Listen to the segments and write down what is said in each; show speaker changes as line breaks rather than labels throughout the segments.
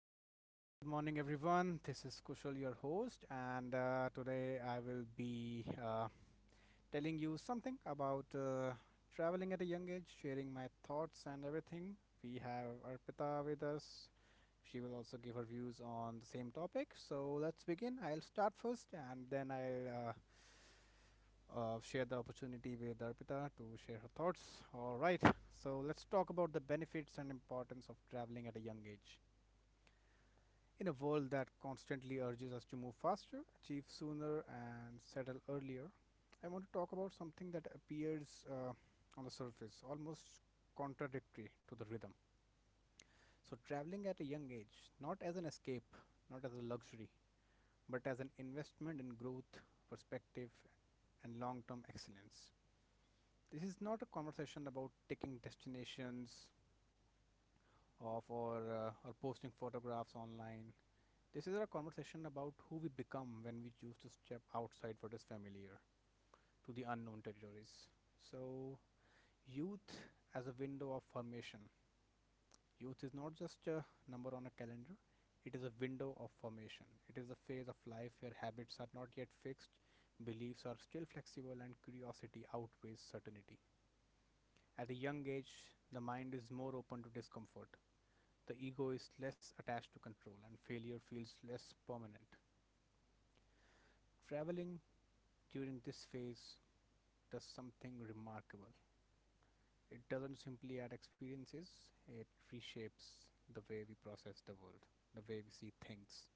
All right, good morning, everyone. This is Kushal, your host, and today I will be telling you something about traveling at a young age, sharing my thoughts and everything. We have Arpita with us. She will also give her views on the same topic. So let's begin. I'll start first and then I'll share the opportunity with Arpita to share her thoughts. All right, so let's talk about the benefits and importance of traveling at a young age. In a world that constantly urges us to move faster, achieve sooner, and settle earlier, I want to talk about something that appears on the surface almost contradictory to the rhythm. So, traveling at a young age, not as an escape, not as a luxury, but as an investment in growth, perspective, and long term excellence. This is not a conversation about taking destinations of or posting photographs online. This is our conversation about who we become when we choose to step outside what is familiar to the unknown territories. So, youth as a window of formation. Youth is not just a number on a calendar, it is a window of formation. It is a phase of life where habits are not yet fixed, beliefs are still flexible, and curiosity outweighs certainty. At a young age, the mind is more open to discomfort. The ego is less attached to control, and failure feels less permanent. Traveling during this phase does something remarkable. It doesn't simply add experiences, it reshapes the way we process the world, the way we see things.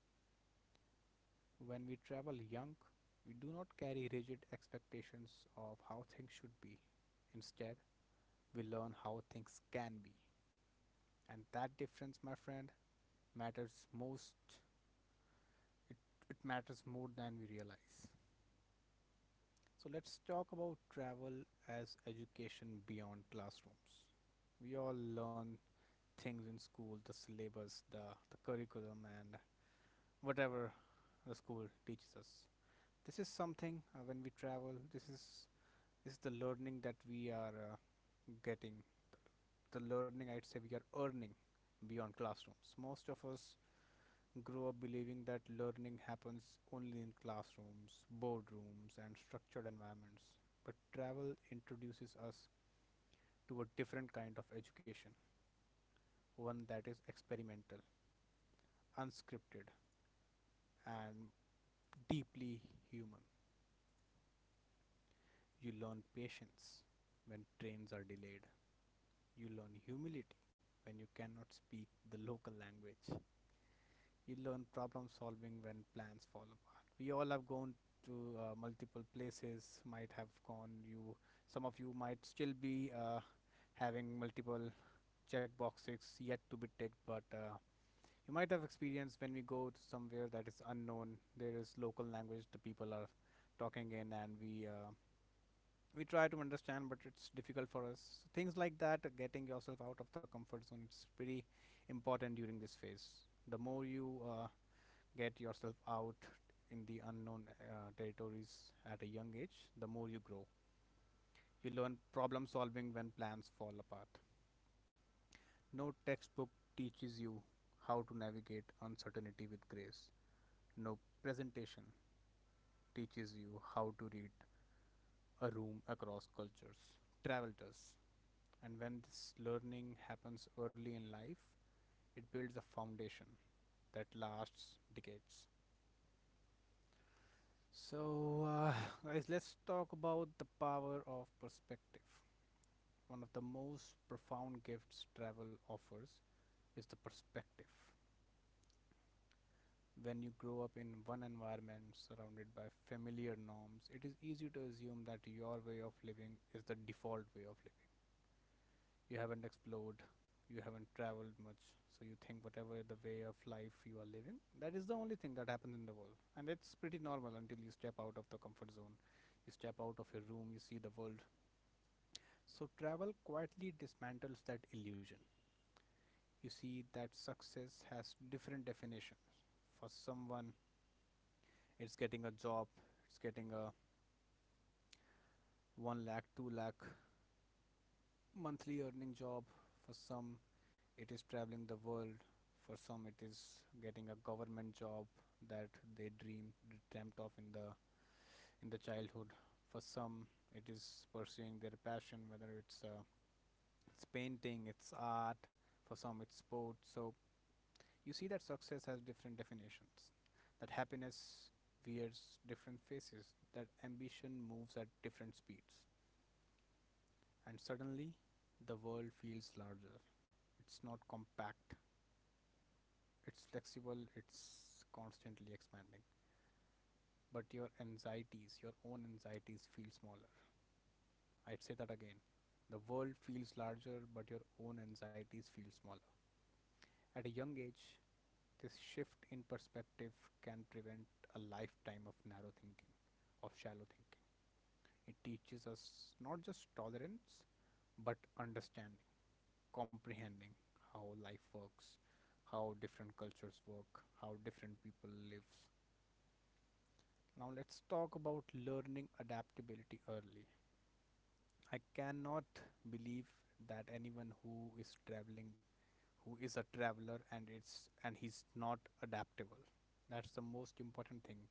When we travel young, we do not carry rigid expectations of how things should be. Instead, we learn how things can be. And that difference, my friend, matters most. It, it matters more than we realize. So let's talk about travel as education beyond classrooms. We all learn things in school, the syllabus, the curriculum, and whatever the school teaches us. This is something when we travel. This is the learning that we are getting. The learning I'd say we are earning beyond classrooms. Most of us grow up believing that learning happens only in classrooms, boardrooms, and structured environments. But travel introduces us to a different kind of education, one that is experimental, unscripted, and deeply human. You learn patience when trains are delayed, you learn humility when you cannot speak the local language. You learn problem solving when plans fall apart. We all have gone to multiple places, might have gone, you some of you might still be having multiple check boxes yet to be ticked, but you might have experienced when we go to somewhere that is unknown, there is local language the people are talking in and we try to understand but it's difficult for us. So things like that, getting yourself out of the comfort zone, it's pretty important during this phase. The more you get yourself out in the unknown territories at a young age, the more you grow. You learn problem solving when plans fall apart. No textbook teaches you how to navigate uncertainty with grace. No presentation teaches you how to read a room across cultures. Travel does. And when this learning happens early in life, it builds a foundation that lasts decades. So, guys, let's talk about the power of perspective. One of the most profound gifts travel offers is the perspective. When you grow up in one environment surrounded by familiar norms, it is easy to assume that your way of living is the default way of living. You haven't explored, you haven't traveled much, so you think whatever the way of life you are living, that is the only thing that happens in the world and it's pretty normal until you step out of the comfort zone, you step out of your room, you see the world. So travel quietly dismantles that illusion. You see that success has different definitions. For someone it's getting a job, it's getting a 1 lakh 2 lakh monthly earning job. For some it is traveling the world. For some it is getting a government job that they dreamt of in the childhood. For some it is pursuing their passion, whether it's painting, it's art. For some it's sports. So you see that success has different definitions, that happiness wears different faces, that ambition moves at different speeds. And suddenly, the world feels larger. It's not compact, it's flexible, it's constantly expanding. But your anxieties, your own anxieties, feel smaller. I'd say that again. The world feels larger, but your own anxieties feel smaller. At a young age, this shift in perspective can prevent a lifetime of narrow thinking, of shallow thinking. It teaches us not just tolerance, but understanding. Comprehending how life works, how different cultures work, how different people live. Now let's talk about learning adaptability early. I cannot believe that anyone who is traveling, who is a traveler, and it's and he's not adaptable. That's the most important thing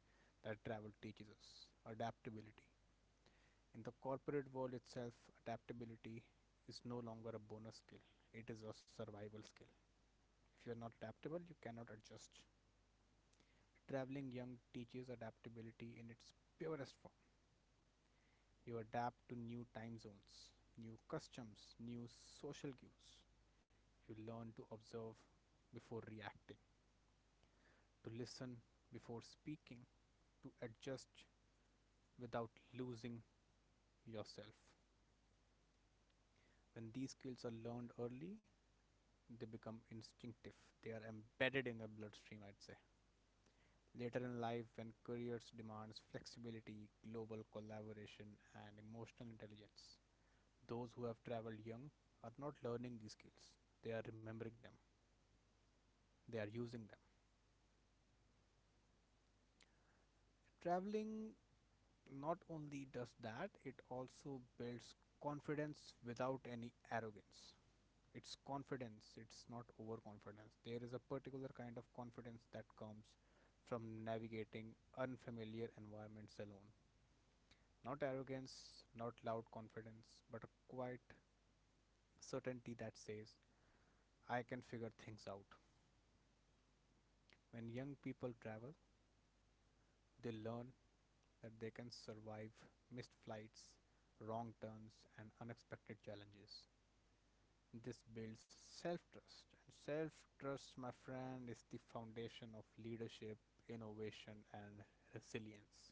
that travel teaches us. Adaptability. In the corporate world itself, adaptability is no longer a bonus skill. It is a survival skill. If you are not adaptable, you cannot adjust. Traveling young teaches adaptability in its purest form. You adapt to new time zones, new customs, new social cues. You learn to observe before reacting, to listen before speaking, to adjust without losing yourself. When these skills are learned early, they become instinctive. They are embedded in your bloodstream, I'd say. Later in life, when careers demands flexibility, global collaboration, and emotional intelligence, those who have traveled young are not learning these skills, they are remembering them, they are using them. Traveling not only does that, it also builds confidence without any arrogance. It's confidence, it's not overconfidence. There is a particular kind of confidence that comes from navigating unfamiliar environments alone. Not arrogance, not loud confidence, but a quiet certainty that says, I can figure things out. When young people travel, they learn that they can survive missed flights, wrong turns, and unexpected challenges. This builds self trust, and self trust, my friend, is the foundation of leadership, innovation, and resilience.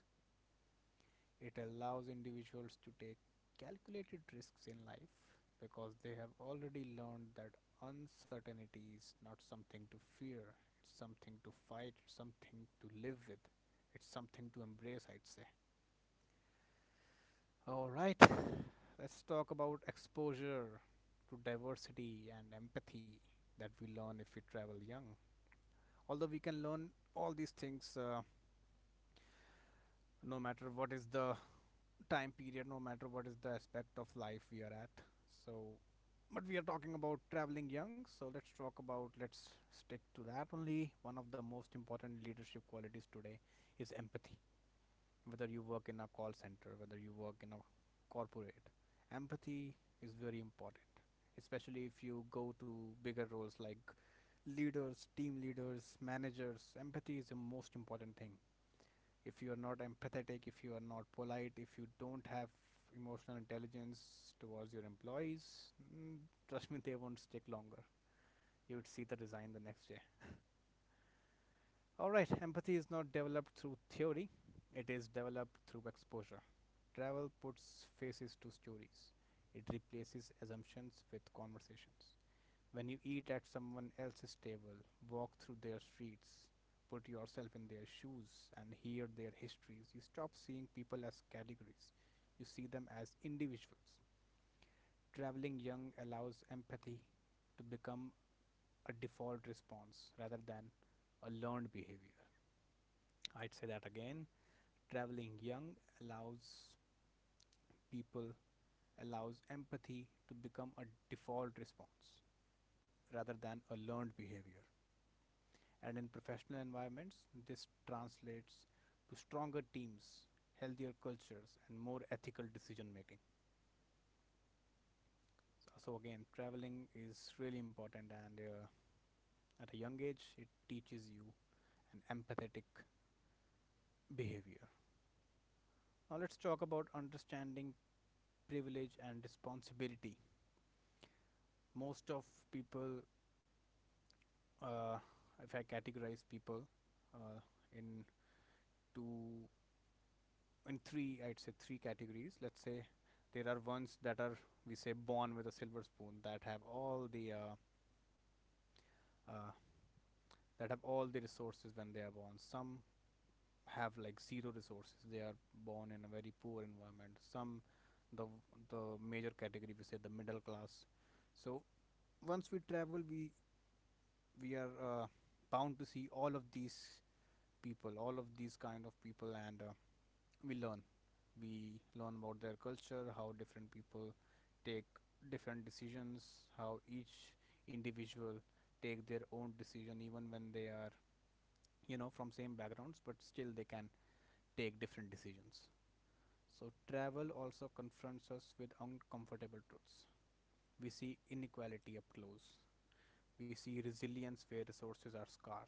It allows individuals to take calculated risks in life because they have already learned that uncertainty is not something to fear, it's something to fight, it's something to live with, it's something to embrace, I'd say. All right, let's talk about exposure to diversity and empathy that we learn if we travel young. Although we can learn all these things no matter what is the time period, no matter what is the aspect of life we are at. So, but we are talking about traveling young. So let's talk about let's stick to that only. One of the most important leadership qualities today is empathy. Whether you work in a call center, whether you work in a corporate, empathy is very important. Especially if you go to bigger roles like leaders, team leaders, managers, empathy is the most important thing. If you are not empathetic, if you are not polite, if you don't have emotional intelligence towards your employees, mm, trust me, they won't stick longer. You would see the resign the next day. All right, empathy is not developed through theory, it is developed through exposure. Travel puts faces to stories, it replaces assumptions with conversations. When you eat at someone else's table, walk through their streets, put yourself in their shoes, and hear their histories, you stop seeing people as categories. You see them as individuals. Traveling young allows empathy to become a default response rather than a learned behavior. I'd say that again. Traveling young allows people allows empathy to become a default response rather than a learned behavior. And in professional environments, this translates to stronger teams, healthier cultures, and more ethical decision making. So, so again, traveling is really important, and at a young age, it teaches you an empathetic behavior. Now, let's talk about understanding privilege and responsibility. Most of people, uh, if I categorize people uh, in two in three, I'd say three categories. Let's say there are ones that are, we say, born with a silver spoon, that have all the uh, that have all the resources when they are born. Some have like zero resources, they are born in a very poor environment. Some, the the major category, we say the middle class. So once we travel, we are bound to see all of these people, all of these kind of people. And we learn we learn about their culture, how different people take different decisions, how each individual take their own decision even when they are, you know, from same backgrounds, but still they can take different decisions. So travel also confronts us with uncomfortable truths. We see inequality up close, we see resilience where resources are scarce,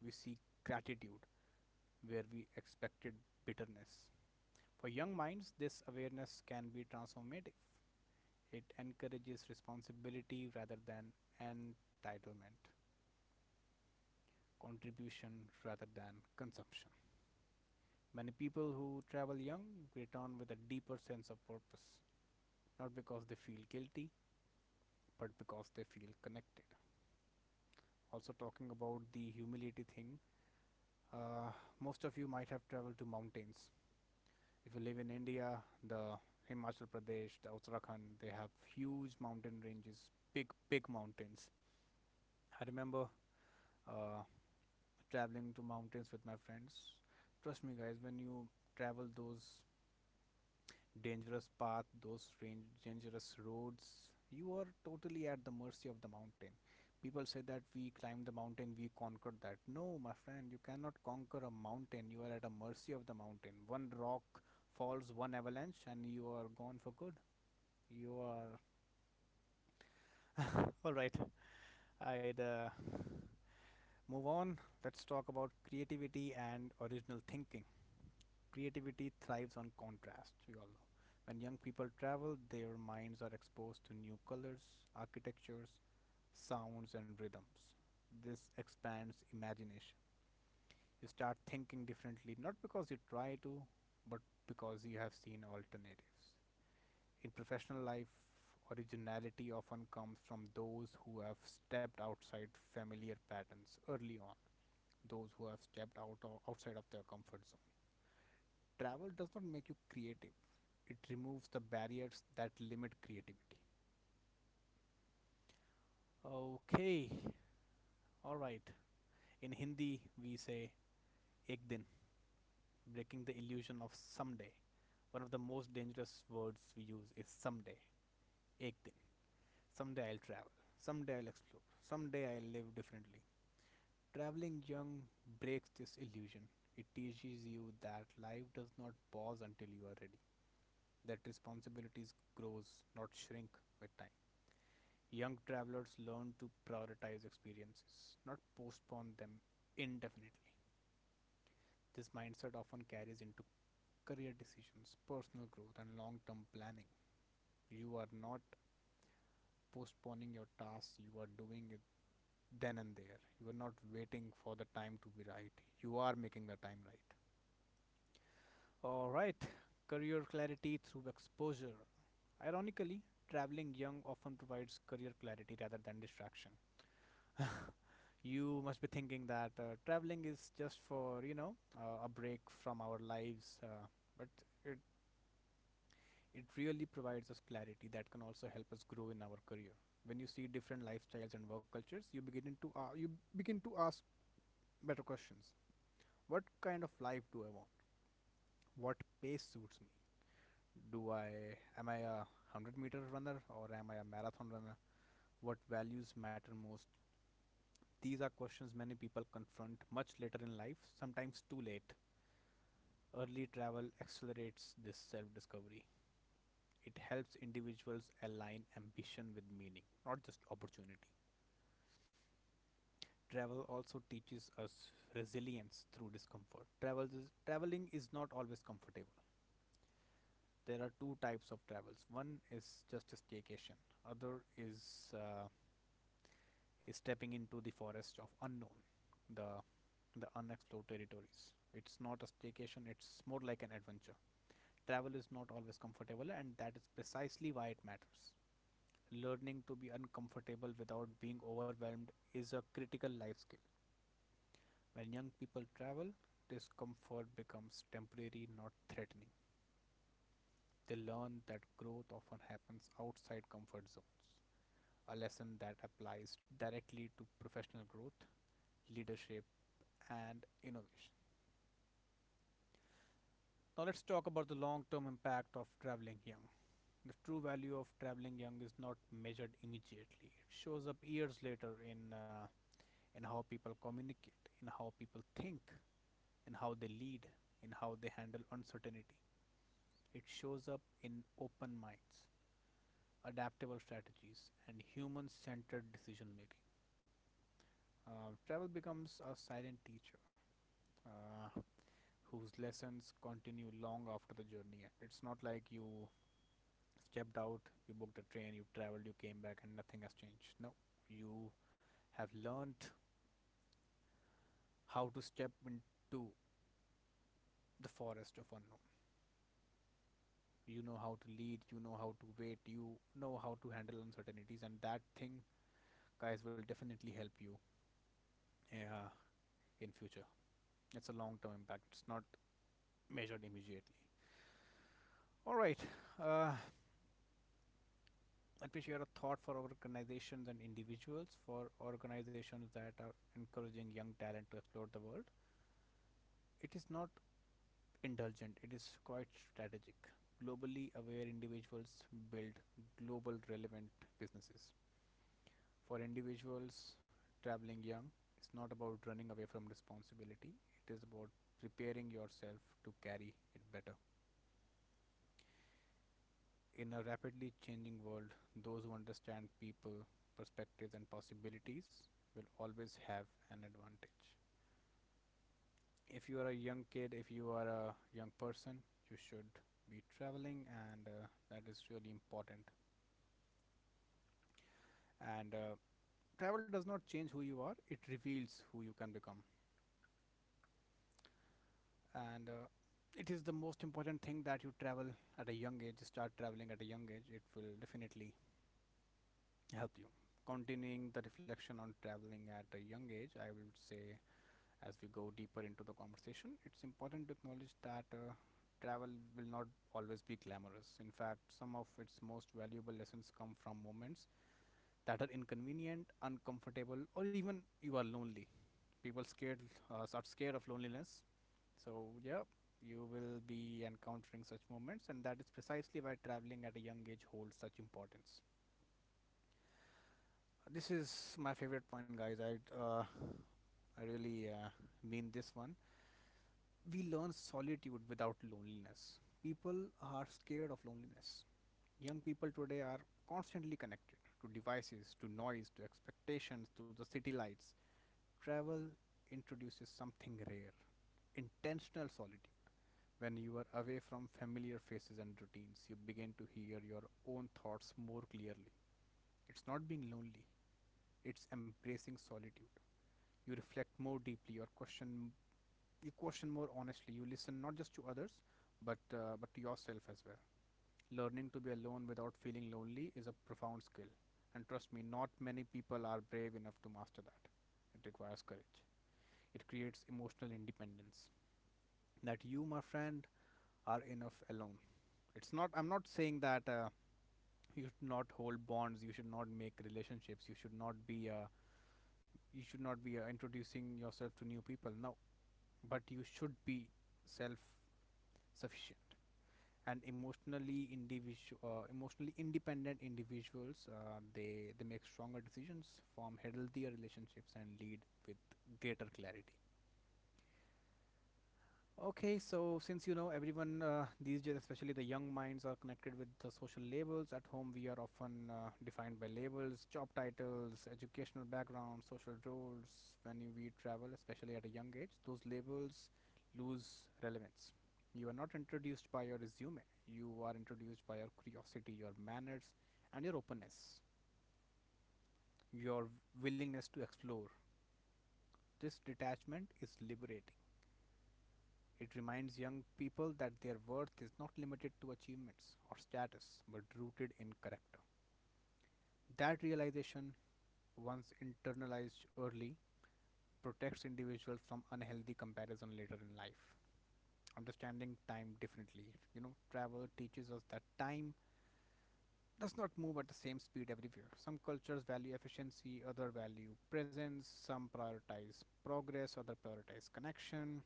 we see gratitude where we expected bitterness. For young minds, this awareness can be transformative. It encourages responsibility rather than entitlement, contribution rather than consumption. Many people who travel young return with a deeper sense of purpose, not because they feel guilty, but because they feel connected. Also, talking about the humility thing, uh, most of you might have traveled to mountains. If you live in India, the Himachal Pradesh, the Uttarakhand, they have huge mountain ranges, big, big mountains. I remember uh, traveling to mountains with my friends. Trust me, guys, when you travel those dangerous paths, those range, dangerous roads, you are totally at the mercy of the mountain. People say that we climbed the mountain, we conquered that. No, my friend, you cannot conquer a mountain. You are at the mercy of the mountain. One rock falls, one avalanche, and you are gone for good. You are all right. I'd move on. Let's talk about creativity and original thinking. Creativity thrives on contrast. We all know. When young people travel, their minds are exposed to new colors, architectures, sounds, and rhythms. This expands imagination. You start thinking differently, not because you try to, but because you have seen alternatives. In professional life, originality often comes from those who have stepped outside familiar patterns early on, those who have stepped outside of their comfort zone. Travel does not make you creative, it removes the barriers that limit creativity. Okay, all right. In Hindi, we say ek din, breaking the illusion of someday. One of the most dangerous words we use is someday, ek din. Someday I'll travel. Someday I'll explore. Someday I'll live differently. Traveling young breaks this illusion. It teaches you that life does not pause until you are ready, that responsibilities grows, not shrink with time. Young travelers learn to prioritize experiences, not postpone them indefinitely. This mindset often carries into career decisions, personal growth, and long term planning. You are not postponing your tasks, you are doing it then and there. You are not waiting for the time to be right, you are making the time right. All right. Career clarity through exposure. Ironically, traveling young often provides career clarity rather than distraction. You must be thinking that traveling is just for, you know, a break from our lives, but it it really provides us clarity that can also help us grow in our career. When you see different lifestyles and work cultures, you begin to ask better questions. What kind of life do I want? What pace suits me? Do I Am I a 100-meter runner or am I a marathon runner? What values matter most? These are questions many people confront much later in life, sometimes too late. Early travel accelerates this self discovery. It helps individuals align ambition with meaning, not just opportunity. Travel also teaches us resilience through discomfort. Traveling is not always comfortable. There are two types of travels. One is just a staycation. Other is stepping into the forest of unknown, the the unexplored territories. It's not a staycation. It's more like an adventure. Travel is not always comfortable, and that is precisely why it matters. Learning to be uncomfortable without being overwhelmed is a critical life skill. When young people travel, discomfort becomes temporary, not threatening. They learn that growth often happens outside comfort zones, a lesson that applies directly to professional growth, leadership, and innovation. Now, let's talk about the long term impact of traveling young. The true value of traveling young is not measured immediately, it shows up years later in how people communicate, in how people think, in how they lead, in how they handle uncertainty. It shows up in open minds, adaptable strategies, and human centered decision making. Travel becomes a silent teacher, Uh, whose lessons continue long after the journey ends. It's not like you stepped out, you booked a train, you traveled, you came back, and nothing has changed. No, you have learned how to step into the forest of unknown. You know how to lead, you know how to wait, you know how to handle uncertainties, and that thing, guys, will definitely help you uh, in future. It's a long term impact, it's not measured immediately. All right. uh, Let me share a thought for organizations and individuals. For organizations that are encouraging young talent to explore the world, it is not indulgent, it is quite strategic. Globally aware individuals build global relevant businesses. For individuals traveling young, it's not about running away from responsibility, it is about preparing yourself to carry it better. In a rapidly changing world, those who understand people, perspectives, and possibilities will always have an advantage. If you are a young kid, if you are a young person, you should be traveling, and that is really important. And travel does not change who you are, it reveals who you can become. And it is the most important thing that you travel at a young age. Start traveling at a young age, it will definitely help you. Continuing the reflection on traveling at a young age, I would say, as we go deeper into the conversation, it's important to acknowledge that travel will not always be glamorous. In fact, some of its most valuable lessons come from moments that are inconvenient, uncomfortable, or even you are lonely. People scared are scared of loneliness. So yeah, you will be encountering such moments, and that is precisely why traveling at a young age holds such importance. This is my favorite point, guys. I really mean this one. We learn solitude without loneliness. People are scared of loneliness. Young people today are constantly connected to devices, to noise, to expectations, to the city lights. Travel introduces something rare, intentional solitude. When you are away from familiar faces and routines, you begin to hear your own thoughts more clearly. It's not being lonely, it's embracing solitude. You reflect more deeply, you question more honestly, you listen not just to others but to yourself as well. Learning to be alone without feeling lonely is a profound skill, and trust me, not many people are brave enough to master that. It requires courage. It creates emotional independence. That you, my friend, are enough alone. It's not. I'm not saying that you should not hold bonds, you should not make relationships, you should not be you should not be introducing yourself to new people. No, but you should be self sufficient and emotionally independent individuals, they make stronger decisions, form healthier relationships, and lead with greater clarity. Okay, so since, you know, everyone, these days, especially the young minds, are connected with the social labels. At home, we are often defined by labels, job titles, educational background, social roles. We travel, especially at a young age, those labels lose relevance. You are not introduced by your resume, you are introduced by your curiosity, your manners, and your openness, your willingness to explore. This detachment is liberating. It reminds young people that their worth is not limited to achievements or status but rooted in character. That realization, once internalized early, protects individuals from unhealthy comparison later in life. Understanding time differently, you know, travel teaches us that time does not move at the same speed everywhere. Some cultures value efficiency, other value presence, some prioritize progress, other prioritize connection.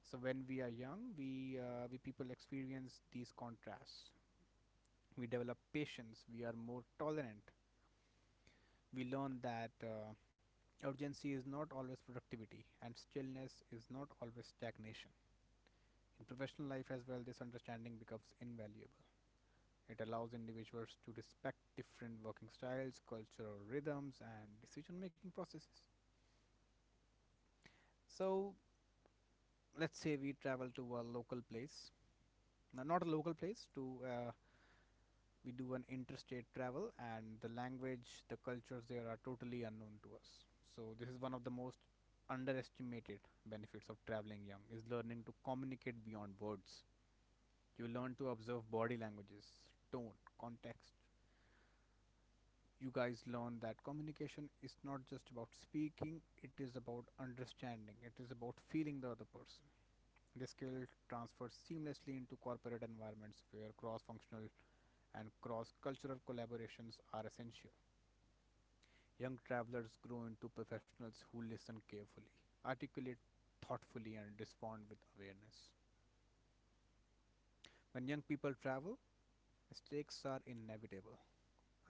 So when we are young, we people experience these contrasts. We develop patience. We are more tolerant. We learn that urgency is not always productivity, and stillness is not always stagnation. In professional life as well, this understanding becomes invaluable. It allows individuals to respect different working styles, cultural rhythms, and decision-making processes. So let's say we travel to a local place, no, not a local place, to we do an interstate travel, and the language, the cultures there are totally unknown to us. So this is one of the most underestimated benefits of traveling young, is learning to communicate beyond words. You learn to observe body languages, tone, context. You guys learn that communication is not just about speaking, it is about understanding, it is about feeling the other person. This skill transfers seamlessly into corporate environments where cross functional and cross cultural collaborations are essential. Young travelers grow into professionals who listen carefully, articulate thoughtfully, and respond with awareness. When young people travel, mistakes are inevitable.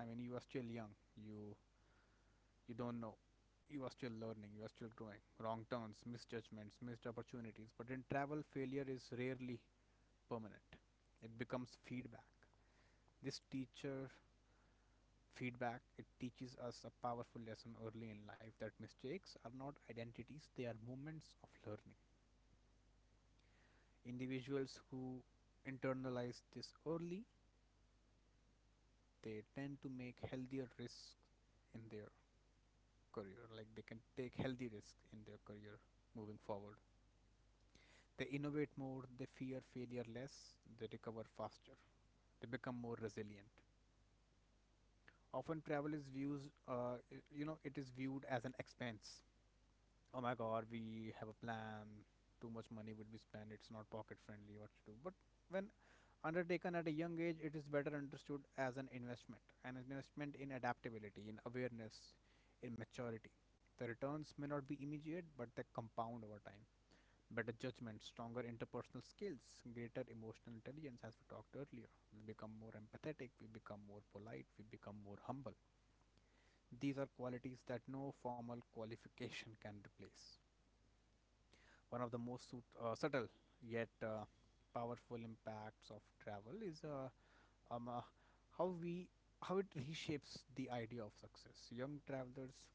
I mean, you are still young. You don't know. You are still learning. You are still growing. Wrong turns, misjudgments, missed opportunities. But in travel, failure is rarely permanent. It becomes feedback. This teacher Feedback, it teaches us a powerful lesson early in life, that mistakes are not identities, they are moments of learning. Individuals who internalize this early, they tend to make healthier risks in their career. Like they can take healthy risks in their career moving forward. They innovate more, they fear failure less, they recover faster, they become more resilient. Often travel is views, you know, it is viewed as an expense. Oh my god, we have a plan, too much money would be spent, it's not pocket friendly, what to do? But when undertaken at a young age, it is better understood as an investment, an investment in adaptability, in awareness, in maturity. The returns may not be immediate, but they compound over time. Better judgment, stronger interpersonal skills, greater emotional intelligence. As we talked earlier, we become more empathetic, we become more polite, we become more humble. These are qualities that no formal qualification can replace. One of the most subtle yet powerful impacts of travel is um, uh, how we how it reshapes the idea of success. Young travelers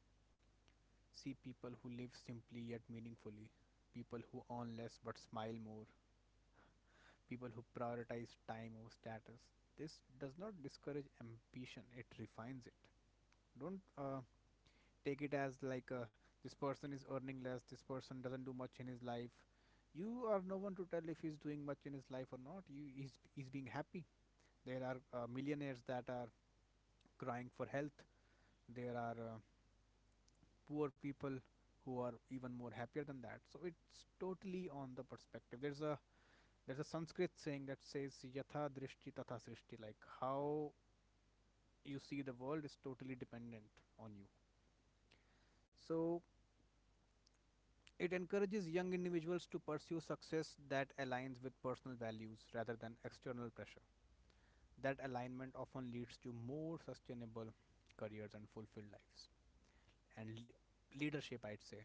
see people who live simply yet meaningfully, people who earn less but smile more, people who prioritize time over status. This does not discourage ambition; it refines it. Don't take it as like this person is earning less, this person doesn't do much in his life. You are no one to tell if he's doing much in his life or not. You he's being happy. There are millionaires that are crying for health. There are poor people who are even more happier than that. So it's totally on the perspective. There's a Sanskrit saying that says yatha drishti tatha srishti, like how you see the world is totally dependent on you. So it encourages young individuals to pursue success that aligns with personal values rather than external pressure. That alignment often leads to more sustainable careers and fulfilled lives. And leadership, I'd say,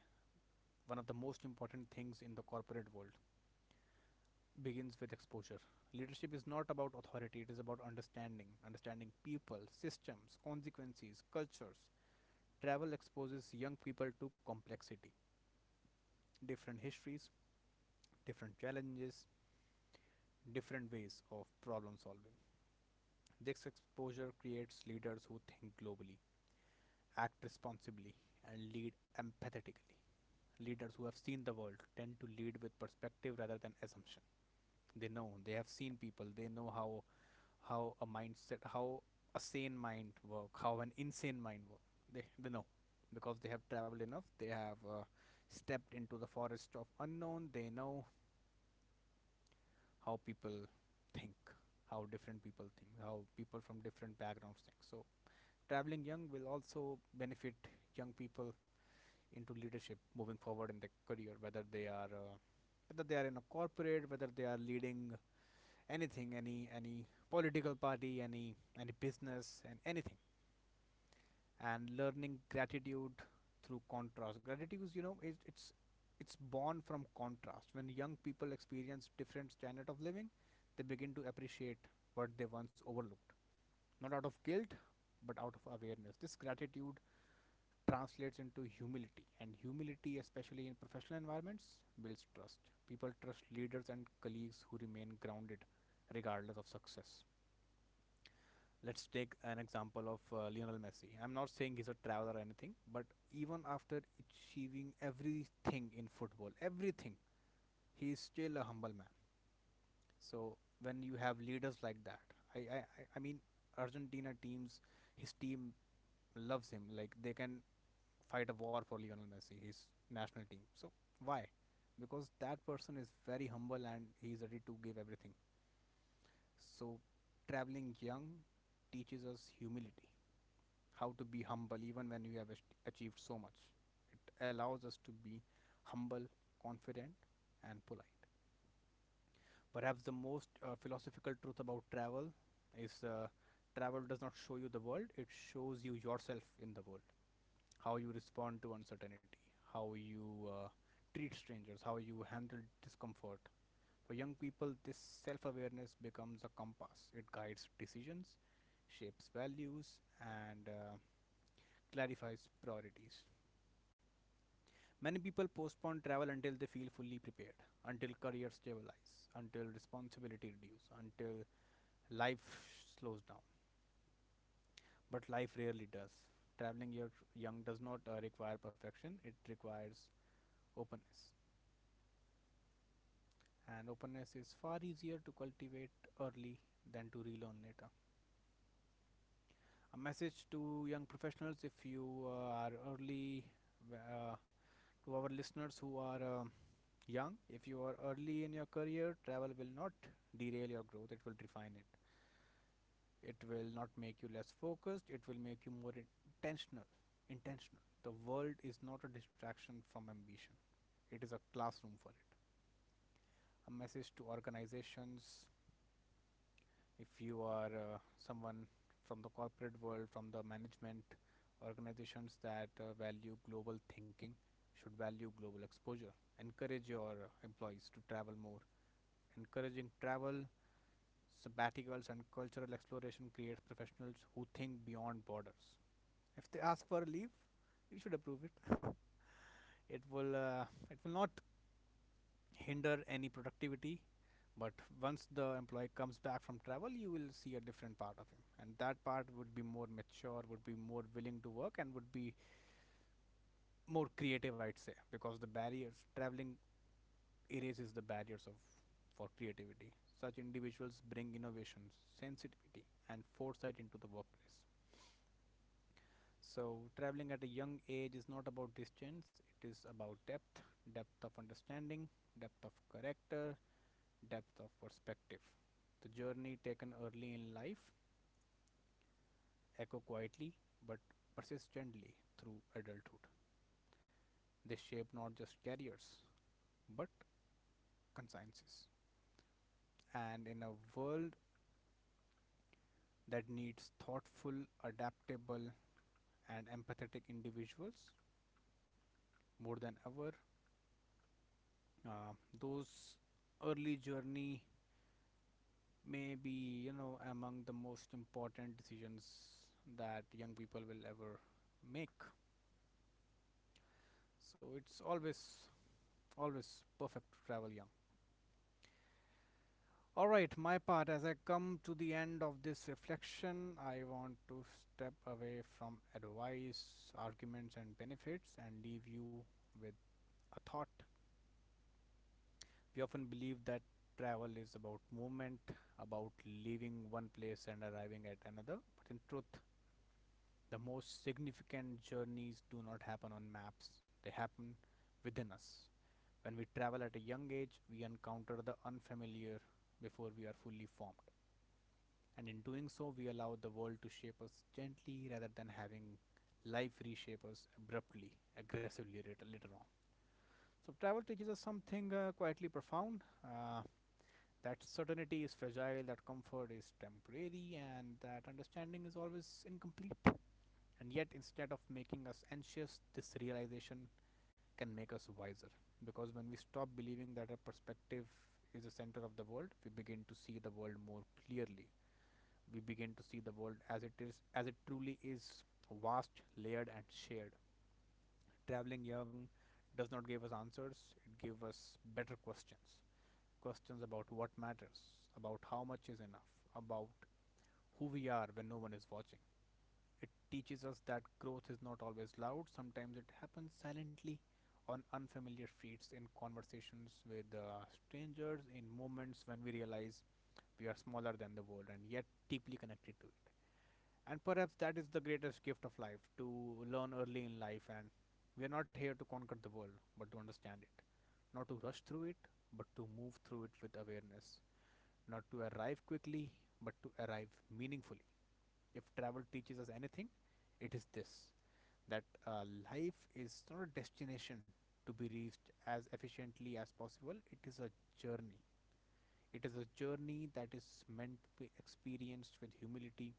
one of the most important things in the corporate world, begins with exposure. Leadership is not about authority, it is about understanding. Understanding people, systems, consequences, cultures. Travel exposes young people to complexity, different histories, different challenges, different ways of problem solving. This exposure creates leaders who think globally, act responsibly, and lead empathetically. Leaders who have seen the world tend to lead with perspective rather than assumption. They know, they have seen people, they know how a mindset, how a sane mind work, how an insane mind work. They know because they have traveled enough. They have stepped into the forest of unknown. They know how people think, how different people think, how people from different backgrounds think. So traveling young will also benefit young people into leadership moving forward in their career, whether they are in a corporate, whether they are leading anything, any political party, any business, and anything. And learning gratitude through contrast. Gratitude is, you know, it, it's born from contrast. When young people experience different standard of living, they begin to appreciate what they once overlooked, not out of guilt, but out of awareness. This gratitude translates into humility, and humility, especially in professional environments, builds trust. People trust leaders and colleagues who remain grounded regardless of success. Let's take an example of Lionel Messi. I'm not saying he's a traveler or anything, but even after achieving everything in football, everything, he is still a humble man. So when you have leaders like that, I mean, Argentina teams, his team loves him. Like they can fight a war for Lionel Messi, his national team. So why? Because that person is very humble and he's ready to give everything. So traveling young teaches us humility, how to be humble even when you have achieved so much. It allows us to be humble, confident, and polite. Perhaps the most philosophical truth about travel is travel does not show you the world, it shows you yourself in the world. How you respond to uncertainty, how you treat strangers, how you handle discomfort. For young people, this self awareness becomes a compass, it guides decisions, shapes values, and clarifies priorities. Many people postpone travel until they feel fully prepared, until career stabilizes, until responsibility reduces, until life slows down. But life rarely does. Traveling your young does not require perfection, it requires openness. And openness is far easier to cultivate early than to relearn later. A message to young professionals. If you uh, are early uh, to our listeners who are young, if you are early in your career, travel will not derail your growth, it will refine it. It will not make you less focused, it will make you more intentional. The world is not a distraction from ambition, it is a classroom for it. A message to organizations. If you are someone from the corporate world, from the management, organizations that value global thinking should value global exposure. Encourage your employees to travel more. Encouraging travel, sabbaticals, and cultural exploration creates professionals who think beyond borders. If they ask for a leave, you should approve it. It will uh, it will not hinder any productivity, but once the employee comes back from travel, you will see a different part of him, and that part would be more mature, would be more willing to work, and would be more creative, I'd say, because the barriers traveling erases the barriers of for creativity. Such individuals bring innovations, sensitivity, and foresight into the workplace. So, traveling at a young age is not about distance, it is about depth. Depth of understanding, depth of character, depth of perspective. The journey taken early in life echo quietly but persistently through adulthood. They shape not just careers, but consciences. And in a world that needs thoughtful, adaptable, and empathetic individuals more than ever, uh, those early journey may be among the most important decisions that young people will ever make. So it's always perfect to travel young. All right, my part. As I come to the end of this reflection, I want to step away from advice, arguments, and benefits, and leave you with a thought. We often believe that travel is about movement, about leaving one place and arriving at another, but in truth, the most significant journeys do not happen on maps, they happen within us. When we travel at a young age, we encounter the unfamiliar before we are fully formed. And in doing so, we allow the world to shape us gently rather than having life reshape us abruptly, aggressively later on. So, travel teaches us something quietly profound, that certainty is fragile, that comfort is temporary, and that understanding is always incomplete. And yet, instead of making us anxious, this realization can make us wiser. Because when we stop believing that our perspective is the center of the world, we begin to see the world more clearly. We begin to see the world as it is, as it truly is: vast, layered, and shared. Traveling young does not give us answers, it gives us better questions. Questions about what matters, about how much is enough, about who we are when no one is watching. It teaches us that growth is not always loud, sometimes it happens silently on unfamiliar streets, in conversations with strangers, in moments when we realize we are smaller than the world and yet deeply connected to it. And perhaps that is the greatest gift of life, to learn early in life. And we are not here to conquer the world, but to understand it. Not to rush through it, but to move through it with awareness. Not to arrive quickly, but to arrive meaningfully. If travel teaches us anything, it is this: that life is not a destination to be reached as efficiently as possible, it is a journey. It is a journey that is meant to be experienced with humility,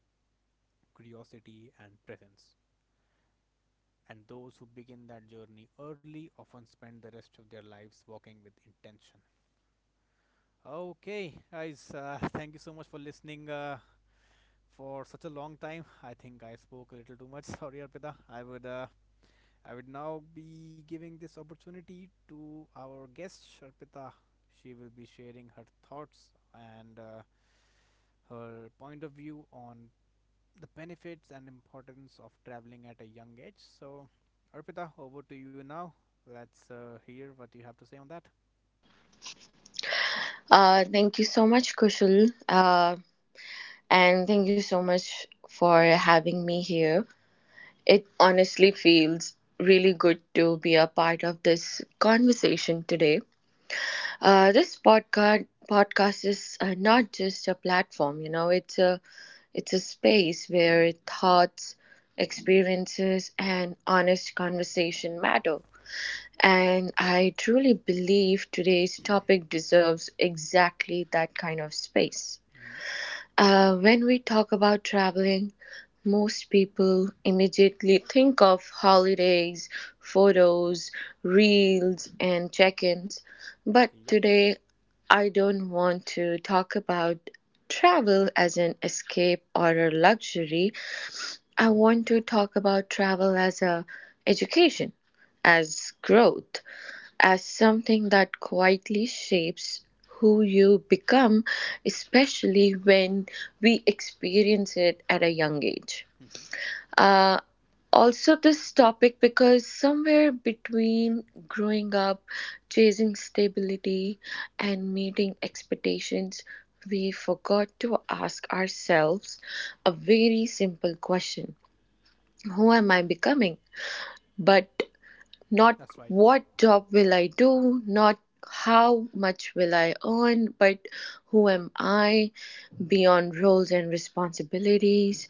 curiosity, and presence. And those who begin that journey early often spend the rest of their lives walking with intention. Okay, guys, thank you so much for listening. For such a long time. I think I spoke a little too much. Sorry, Arpita. I would now be giving this opportunity to our guest Sharpita. She will be sharing her thoughts, and her point of view on the benefits and importance of traveling at a young age. So, Arpita, over to you now. Let's hear what you have to say on that.
Thank you so much, Kushal. And thank you so much for having me here. It honestly feels really good to be a part of this conversation today. This podcast is not just a platform, you know, it's a space where thoughts, experiences, and honest conversation matter. And I truly believe today's topic deserves exactly that kind of space.
Hmm.
When we talk about traveling, most people immediately think of holidays,
Yep,
photos, reels, and check ins. But
yep.
today, I don't want to talk about travel as an escape or a luxury. I want to talk about travel as a education, as growth, as something that quietly shapes who you become, especially when we experience it at a young age.
Mhm.
Uh, Also, this topic because somewhere between growing up, chasing stability, and meeting expectations, we forgot to ask ourselves a very simple question. Who am I becoming? But not
That's right.
what job will I do, not how much will I earn, but who am I beyond roles and responsibilities.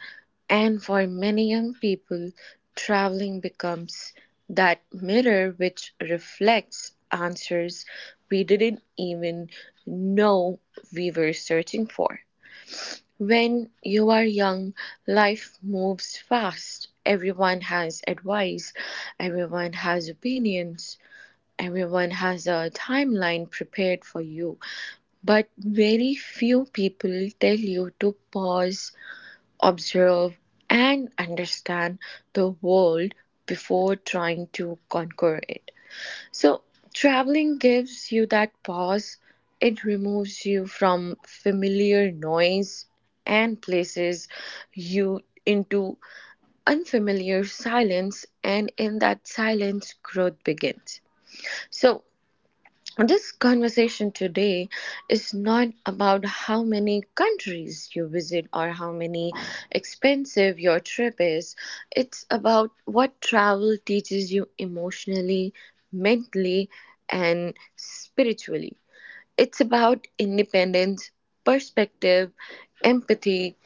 And for many young people, traveling becomes that mirror which reflects answers we didn't even know we were searching for. When you are young, life moves fast. Everyone has advice, everyone has opinions, everyone has a timeline prepared for you. But very few people tell you to pause, observe, and understand the world before trying to conquer it. So, traveling gives you that pause. It removes you from familiar noise and places you into unfamiliar silence, and in that silence, growth begins. So, this conversation today is not about how many countries you visit or how many expensive your trip is. It's about what travel teaches you emotionally, mentally, and spiritually. It's about independence, perspective, empathy,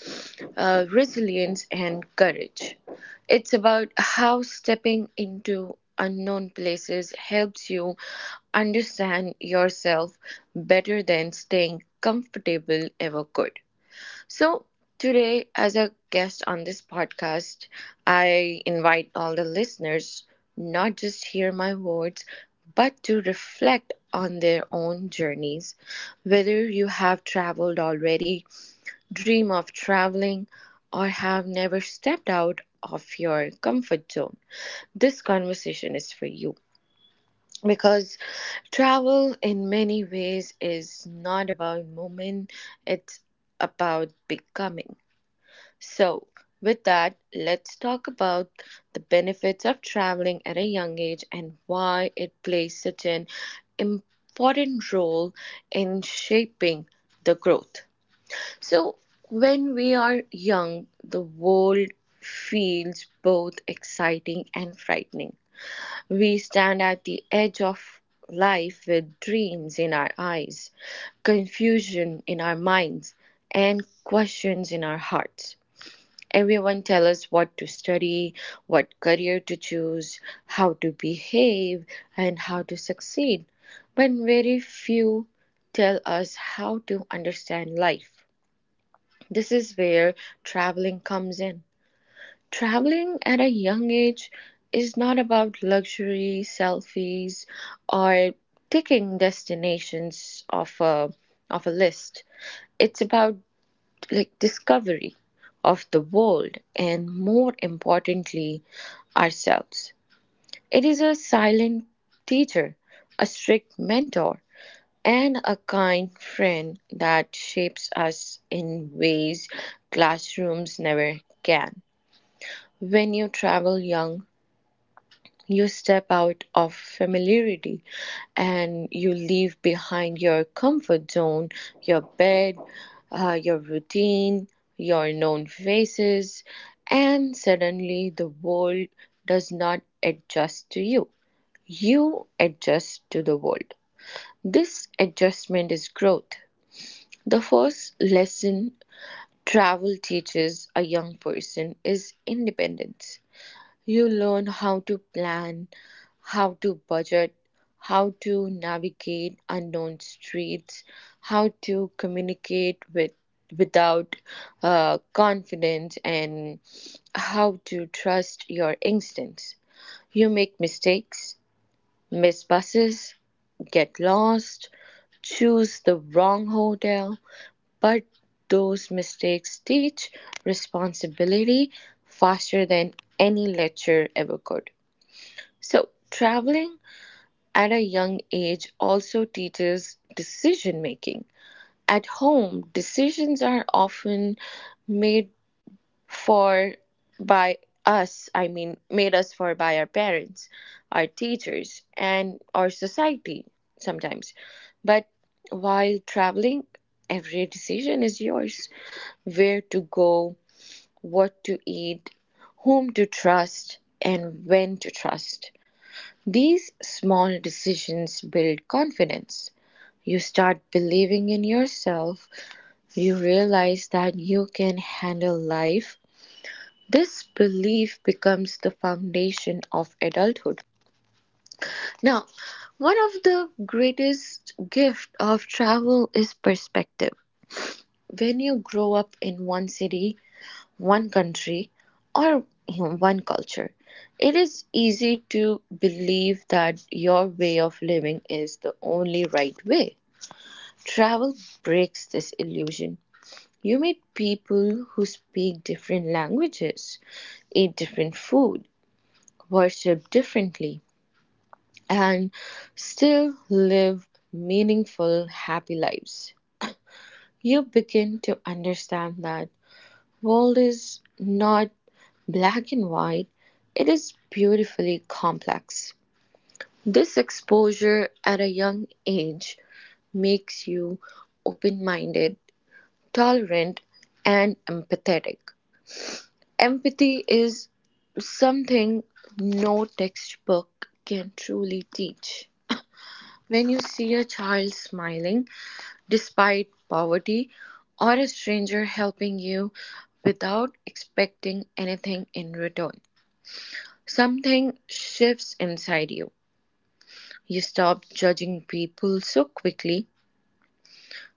resilience, and courage. It's about how stepping into unknown places helps you understand yourself better than staying comfortable ever could. So, today, as a guest on this podcast, I invite all the listeners not just hear my words but to reflect on their own journeys, whether you have traveled already, dream of traveling, or have never stepped out of your comfort zone, this conversation is for you. Because travel, in many ways, is not about movement, it's about becoming. So, with that, let's talk about the benefits of traveling at a young age and why it plays such an important role in shaping the growth. So, when we are young, the world feels both exciting and frightening. We stand at the edge of life with dreams in our eyes, confusion in our minds, and questions in our hearts. Everyone tells us what to study, what career to choose, how to behave, and how to succeed, but very few tell us how to understand life. This is where traveling comes in. Traveling at a young age is not about luxury, selfies, or ticking destinations off a list. It's about like discovery of the world and more importantly, ourselves. It is a silent teacher, a strict mentor, and a kind friend that shapes us in ways classrooms never can. When you travel young, you step out of familiarity and you leave behind your comfort zone, your bed, your routine, your known faces, and suddenly the world does not adjust to you. You adjust to the world. This adjustment is growth. The first lesson travel teaches a young person is independence. You learn how to plan, how to budget, how to navigate unknown streets, how to communicate with without confidence and how to trust your instincts. You make mistakes, miss buses, get lost, choose the wrong hotel, but those mistakes teach responsibility faster than any lecture ever could. So, traveling at a young age also teaches decision making. At home, decisions are often made for by us, I mean, made us for by our parents, our teachers, and our society sometimes. But while traveling, every decision is yours, where to go, what to eat, whom to trust, and when to trust. These small decisions build confidence. You start believing in yourself, you realize that you can handle life. This belief becomes the foundation of adulthood. Now, one of the greatest gifts of travel is perspective. When you grow up in one city, one country or you know, one culture. It is easy to believe that your way of living is the only right way. Travel breaks this illusion. You meet people who speak different languages, eat different food, worship differently, and still live meaningful, happy lives. You begin to understand that world is not black and white, it is beautifully complex. This exposure at a young age makes you open minded, tolerant, and empathetic. Empathy is something no textbook can truly teach. When you see a child smiling despite poverty or a stranger helping you without expecting anything in return, something shifts inside you. You stop judging people so quickly.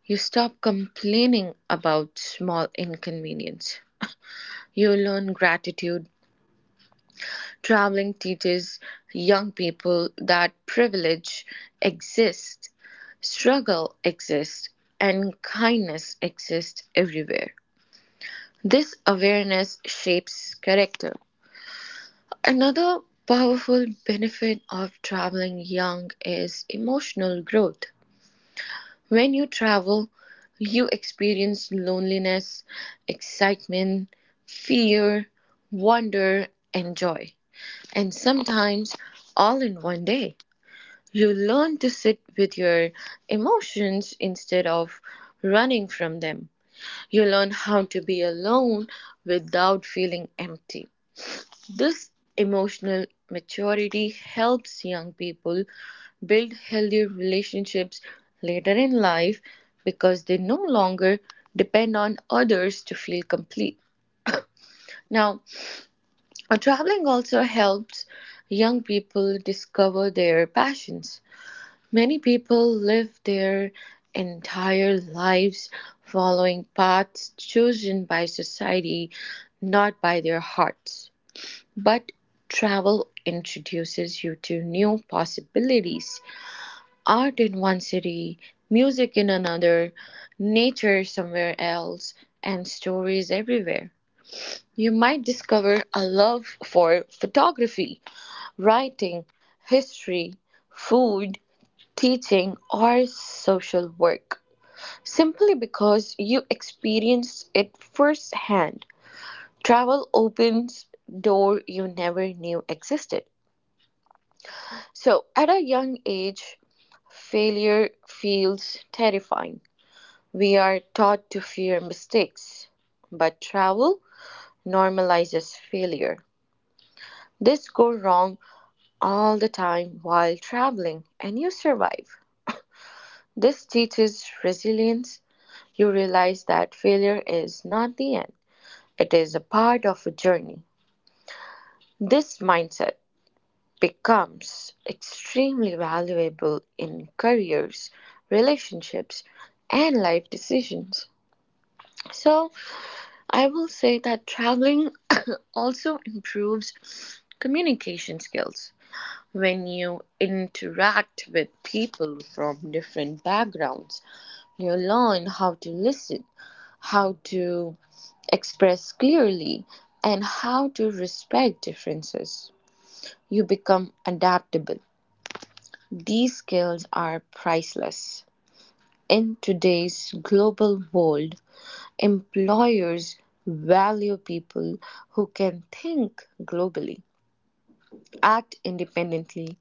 You stop complaining about small inconvenience. You learn gratitude. Traveling teaches young people that privilege exists, struggle exists, and kindness exists everywhere. This awareness shapes character. Another powerful benefit of traveling young is emotional growth. When you travel, you experience loneliness, excitement, fear, wonder, and joy. And sometimes all in one day. You learn to sit with your emotions instead of running from them. You learn how to be alone without feeling empty. This emotional maturity helps young people build healthier relationships later in life because they no longer depend on others to feel complete. Now, traveling also helps young people discover their passions. Many people live their entire lives following paths chosen by society, not by their hearts. But travel introduces you to new possibilities. Art in one city, music in another, nature somewhere else, and stories everywhere. You might discover a love for photography, writing, history, food, teaching, or social work simply because you experienced it firsthand. Travel opens doors you never knew existed. So, at a young age, failure feels terrifying. We are taught to fear mistakes, but travel normalizes failure. This go wrong all the time while traveling and you survive. This teaches resilience. You realize that failure is not the end. It is a part of a journey. This mindset becomes extremely valuable in careers, relationships, and life decisions. So, I will say that traveling also improves communication skills. When you interact with people from different backgrounds, you learn how to listen, how to express clearly, and how to respect differences. You become adaptable. These skills are priceless. In today's global world, employers value people who can think globally, act independently,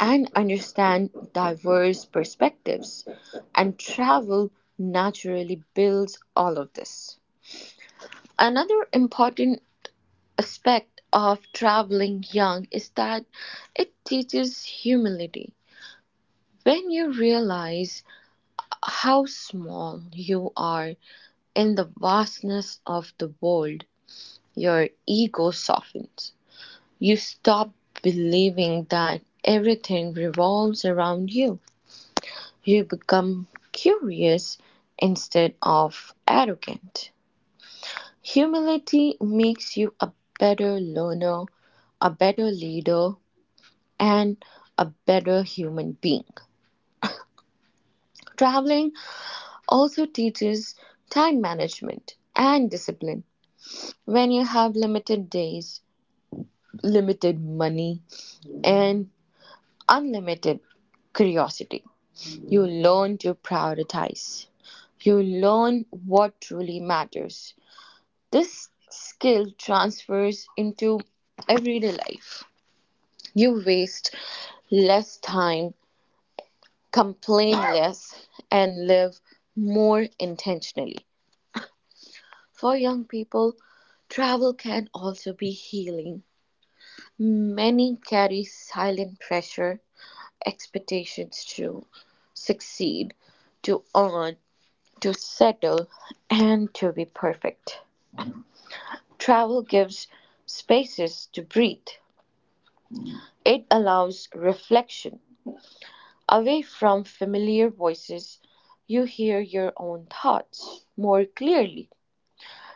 and understand diverse perspectives, and travel naturally builds all of this. Another important aspect of traveling young is that it teaches humility. When you realize how small you are in the vastness of the world, your ego softens. You stop believing that everything revolves around you. You become curious instead of arrogant. Humility makes you a better learner, a better leader, and a better human being. Traveling also teaches time management and discipline. When you have limited days, limited money, and unlimited curiosity. You learn to prioritize. You learn what truly matters. This skill transfers into everyday life. You waste less time, complain less, and live more intentionally. For young people, travel can also be healing. Many carry silent pressure expectations to succeed, to earn, to settle, and to be perfect. Travel gives spaces to breathe, it allows reflection. Away from familiar voices, you hear your own thoughts more clearly.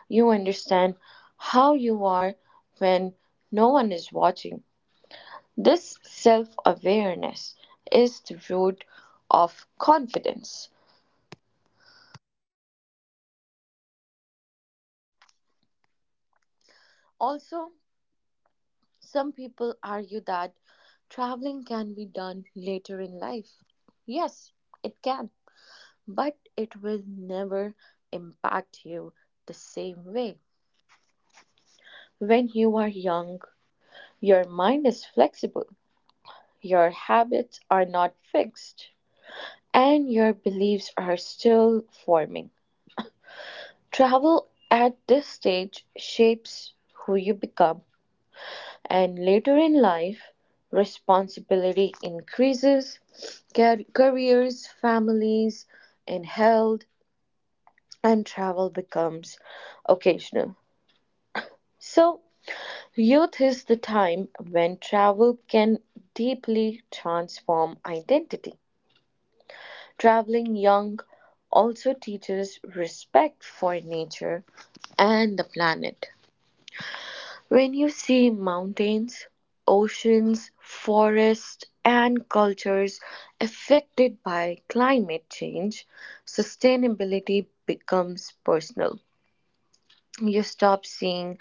You understand how you are when no one is watching. This self awareness is the root of confidence. Also, some people argue that traveling can be done later in life. Yes, it can, but it will never impact you the same way. When you are young, your mind is flexible, your habits are not fixed, and your beliefs are still forming. Travel at this stage shapes who you become. And later in life, responsibility increases, careers, families, and health, and travel becomes occasional. So, youth is the time when travel can deeply transform identity. Traveling young also teaches respect for nature and the planet. When you see mountains, oceans, forests, and cultures affected by climate change, sustainability becomes personal. You stop seeing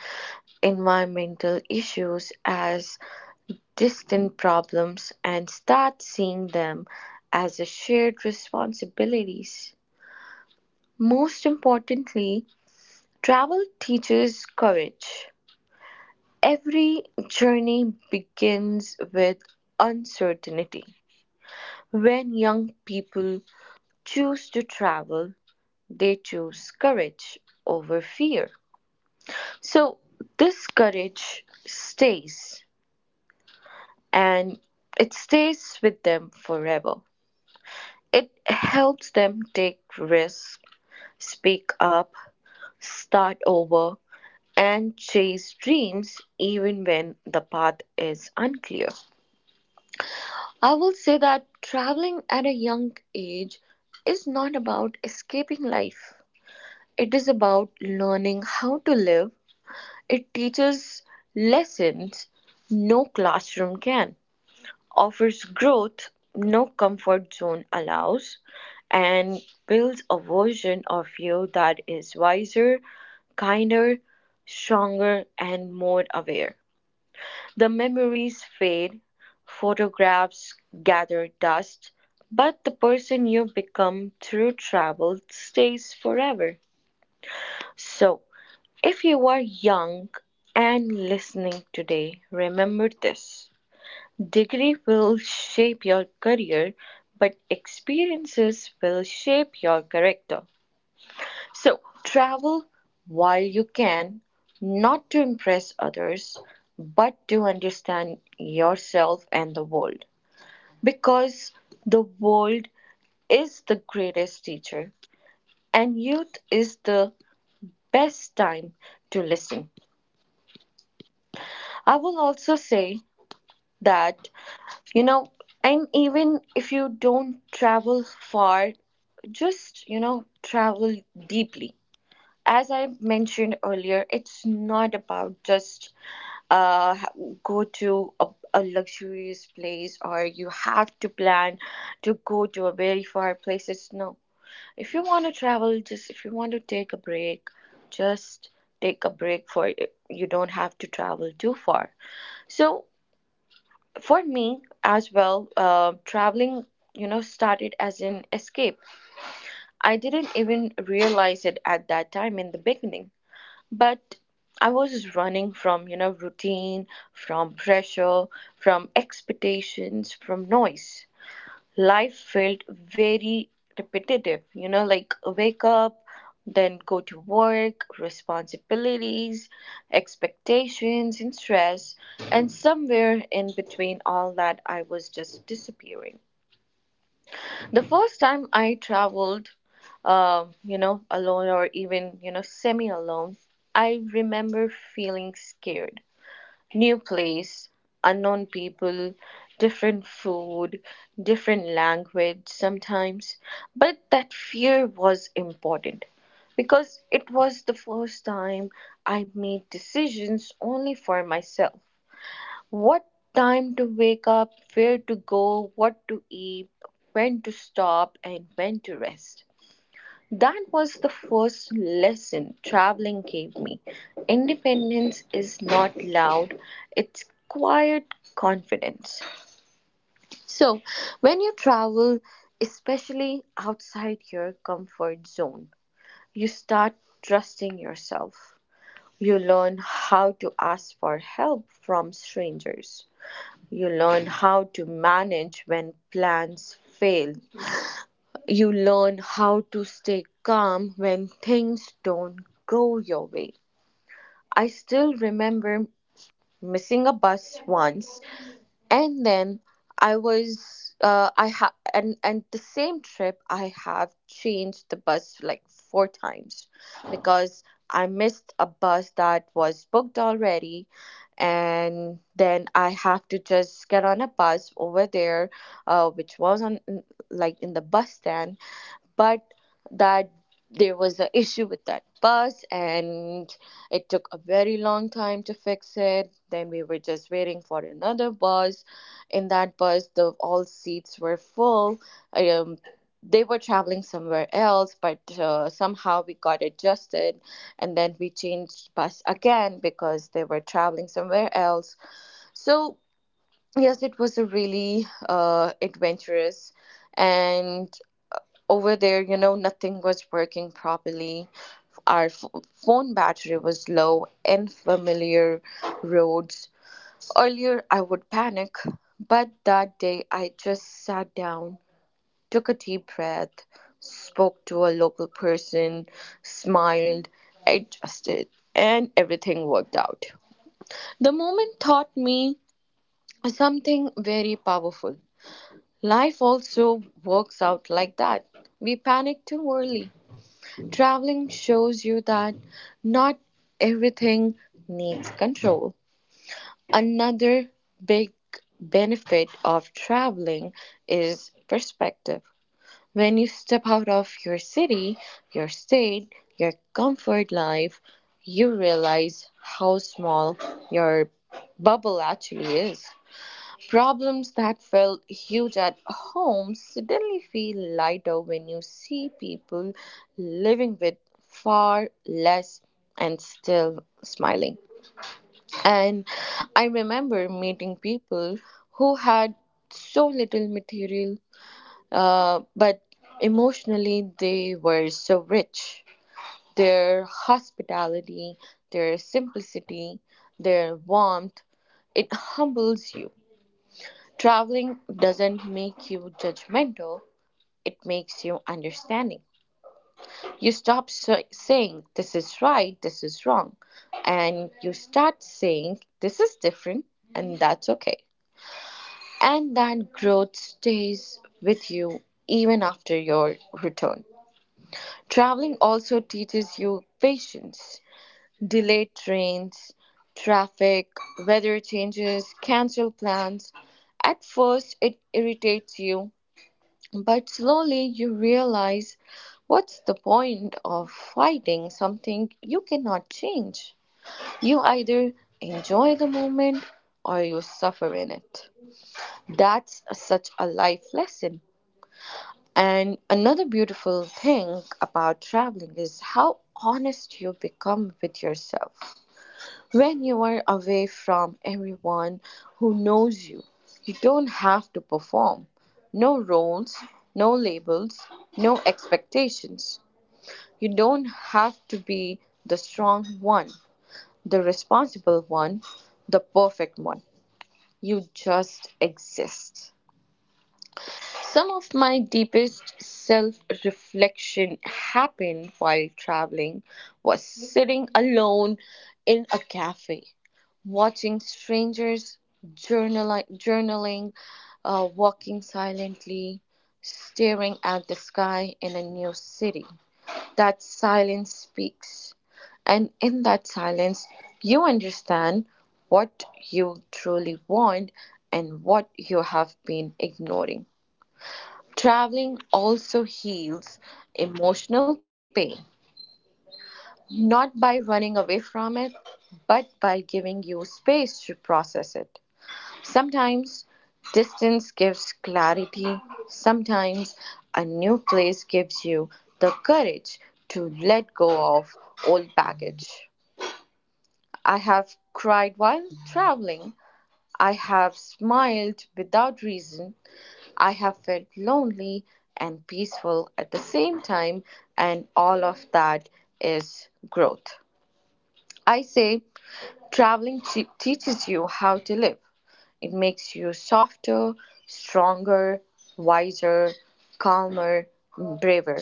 environmental issues as distant problems and start seeing them as a shared responsibilities. Most importantly, travel teaches courage. Every journey begins with uncertainty. When young people choose to travel, they choose courage over fear. So, this courage stays and it stays with them forever. It helps them take risks, speak up, start over, and chase dreams even when the path is unclear. I will say that traveling at a young age is not about escaping life. It is about learning how to live. It teaches lessons no classroom can, offers growth no comfort zone allows, and builds a version of you that is wiser, kinder, stronger, and more aware. The memories fade, photographs gather dust, but the person you become through travel stays forever. So, if you are young and listening today, remember this. Degree will shape your career, but experiences will shape your character. So travel while you can, not to impress others, but to understand yourself and the world. Because the world is the greatest teacher, and youth is the best time to listen. I will also say that, you know, and even if you don't travel far, just travel deeply. As I mentioned earlier, it's not about just uh, ha- go to a luxurious place, or you have to plan to go to a very far places. No, if you want to travel, just if you want to take a break, just take a break for it. You don't have to travel too far. So for me as well, traveling started as an escape. I didn't even realize it at that time in the beginning, but I was running from routine, from pressure, from expectations, from noise. Life felt very repetitive, like wake up, then go to work, responsibilities, expectations, and stress. And somewhere in between all that, I was just disappearing. The first time I traveled, alone or even, semi alone, I remember feeling scared. New place, unknown people, different food, different language sometimes. But that fear was important because it was the first time I made decisions only for myself. What time to wake up, where to go, what to eat, when to stop, and when to rest. That was the first lesson traveling gave me. Independence is not loud, it's quiet confidence. So, when you travel, especially outside your comfort zone, you start trusting yourself. You learn how to ask for help from strangers. You learn how to manage when plans fail. You learn how to stay calm when things don't go your way. I still remember missing a bus once, and then I was I have and the same trip I have changed the bus like 4 times because I missed a bus that was booked already, and then I have to just get on a bus over there, which was on like in the bus stand. But that there was an issue with that bus, and it took a very long time to fix it. Then we were just waiting for another bus. In that bus the all seats were full. um, they were traveling somewhere else, but somehow we got adjusted, and then we changed bus again because they were traveling somewhere else. So yes, it was a really adventurous. And over there, nothing was working properly. Our f- Phone battery was low, and familiar roads. Earlier, I would panic, but that day I just sat down, took a deep breath, spoke to a local person, smiled, adjusted, and everything worked out. The moment taught me something very powerful. Life also works out like that. We panic too early. Traveling shows you that not everything needs control. Another big benefit of traveling is perspective. When you step out of your city, your state, your comfort life, you realize how small your bubble actually is. Problems that felt huge at home suddenly feel lighter when you see people living with far less and still smiling. And I remember meeting people who had so little material, but emotionally they were so rich. Their hospitality, their simplicity, their warmth, it humbles you. Traveling doesn't make you judgmental, it makes you understanding. You stop saying, "This is right, this is wrong," and you start saying, "This is different, and that's okay." And that growth stays with you even after your return. Traveling also teaches you patience. Delayed trains, traffic, weather changes, cancel plans. At first, it irritates you. But slowly you realize, what's the point of fighting something you cannot change? You either enjoy the moment or you suffer in it. That's such a life lesson. And another beautiful thing about traveling is how honest you become with yourself. When you are away from everyone who knows you, you don't have to perform. No roles, no labels, no expectations. You don't have to be the strong one, the responsible one, the perfect one. You just exist. Some of my deepest self reflection happened while traveling, was sitting alone in a cafe, watching strangers, journaling, walking silently, staring at the sky in a new city. That silence speaks, and in that silence, you understand what you truly want and what you have been ignoring. Traveling also heals emotional pain, not by running away from it, but by giving you space to process it. Sometimes distance gives clarity, sometimes a new place gives you the courage to let go of old baggage. I have cried while traveling, I have smiled without reason, I have felt lonely and peaceful at the same time, and all of that is growth. I say traveling teaches you how to live. It makes you softer, stronger, wiser, calmer, braver.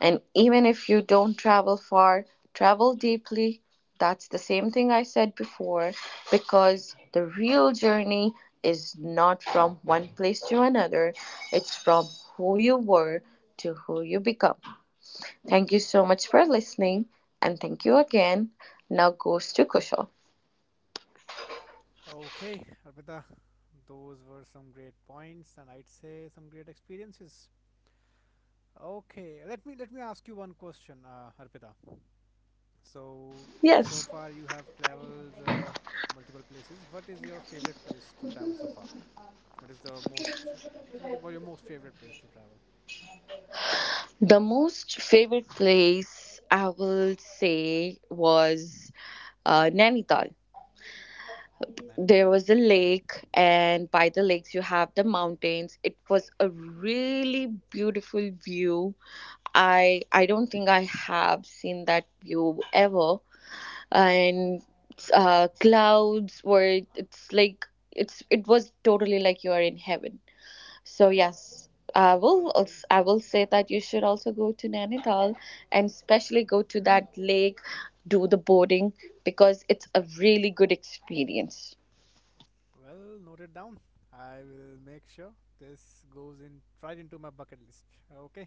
And even if you don't travel far, travel deeply. That's the same thing I said before, because the real journey is not from one place to another, it's from who you were to who you become. Thank you so much for listening, and thank you again. Now goes to Kushal.
Okay, Arpita, those were some great points, and I'd say some great experiences. Okay, let me ask you one question, Arpita. So, so
Yes.
far you have traveled multiple places. What is your favorite place to travel so far? What is the most, what is your most favorite place to travel?
The most favorite place I will say was Nainital.
Nainital.
There was a lake, and by the lakes, you have the mountains. It was a really beautiful view. I don't think I have seen that view ever. And clouds were, it's like, it was totally like you are in heaven. So yes,
It's okay.
I will say that you should also go to Nainital, and especially go to that lake, do the boating, because it's a really good experience.
Well, note it down. I will make sure this goes in right into my bucket list. Okay.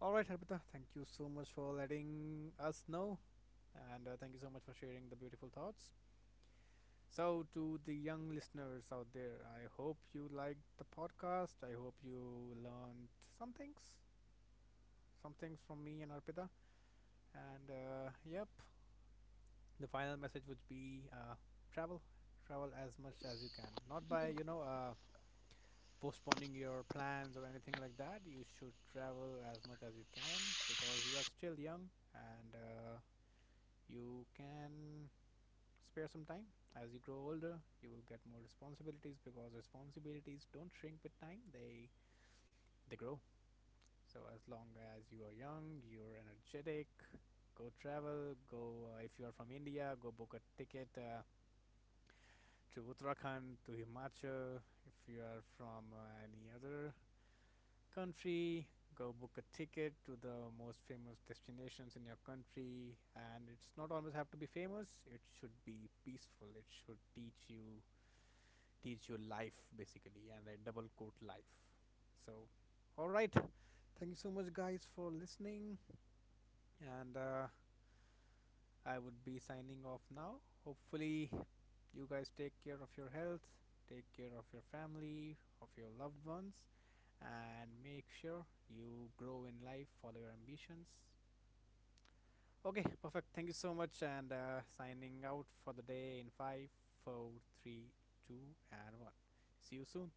All right, Harpita. Thank you so much for letting us know, and thank you so much for sharing the beautiful thoughts. So, to the young listeners out there, I hope you liked the podcast. I hope you learned some things, from me and Arpita. And yep, the final message would be travel, travel as much as you can. Not by postponing your plans or anything like that. You should travel as much as you can because you are still young, and you can spare some time. As you grow older, you will get more responsibilities because responsibilities don't shrink with time, they grow. So as long as you are young, you're energetic, go travel, go if you are from India, go book a ticket to Uttarakhand, to Himachal. If you are from any other country, go book a ticket to the most famous destinations in your country, and it's not always have to be famous, it should be peaceful, it should teach you life, basically, and I double quote life. So, all right, thank you so much guys for listening, and I would be signing off now. Hopefully, you guys take care of your health, take care of your family, of your loved ones, and make sure you grow in life, follow your ambitions. Okay, perfect. Thank you so much, and signing out for the day in five, four, three, two, and 1. See you soon.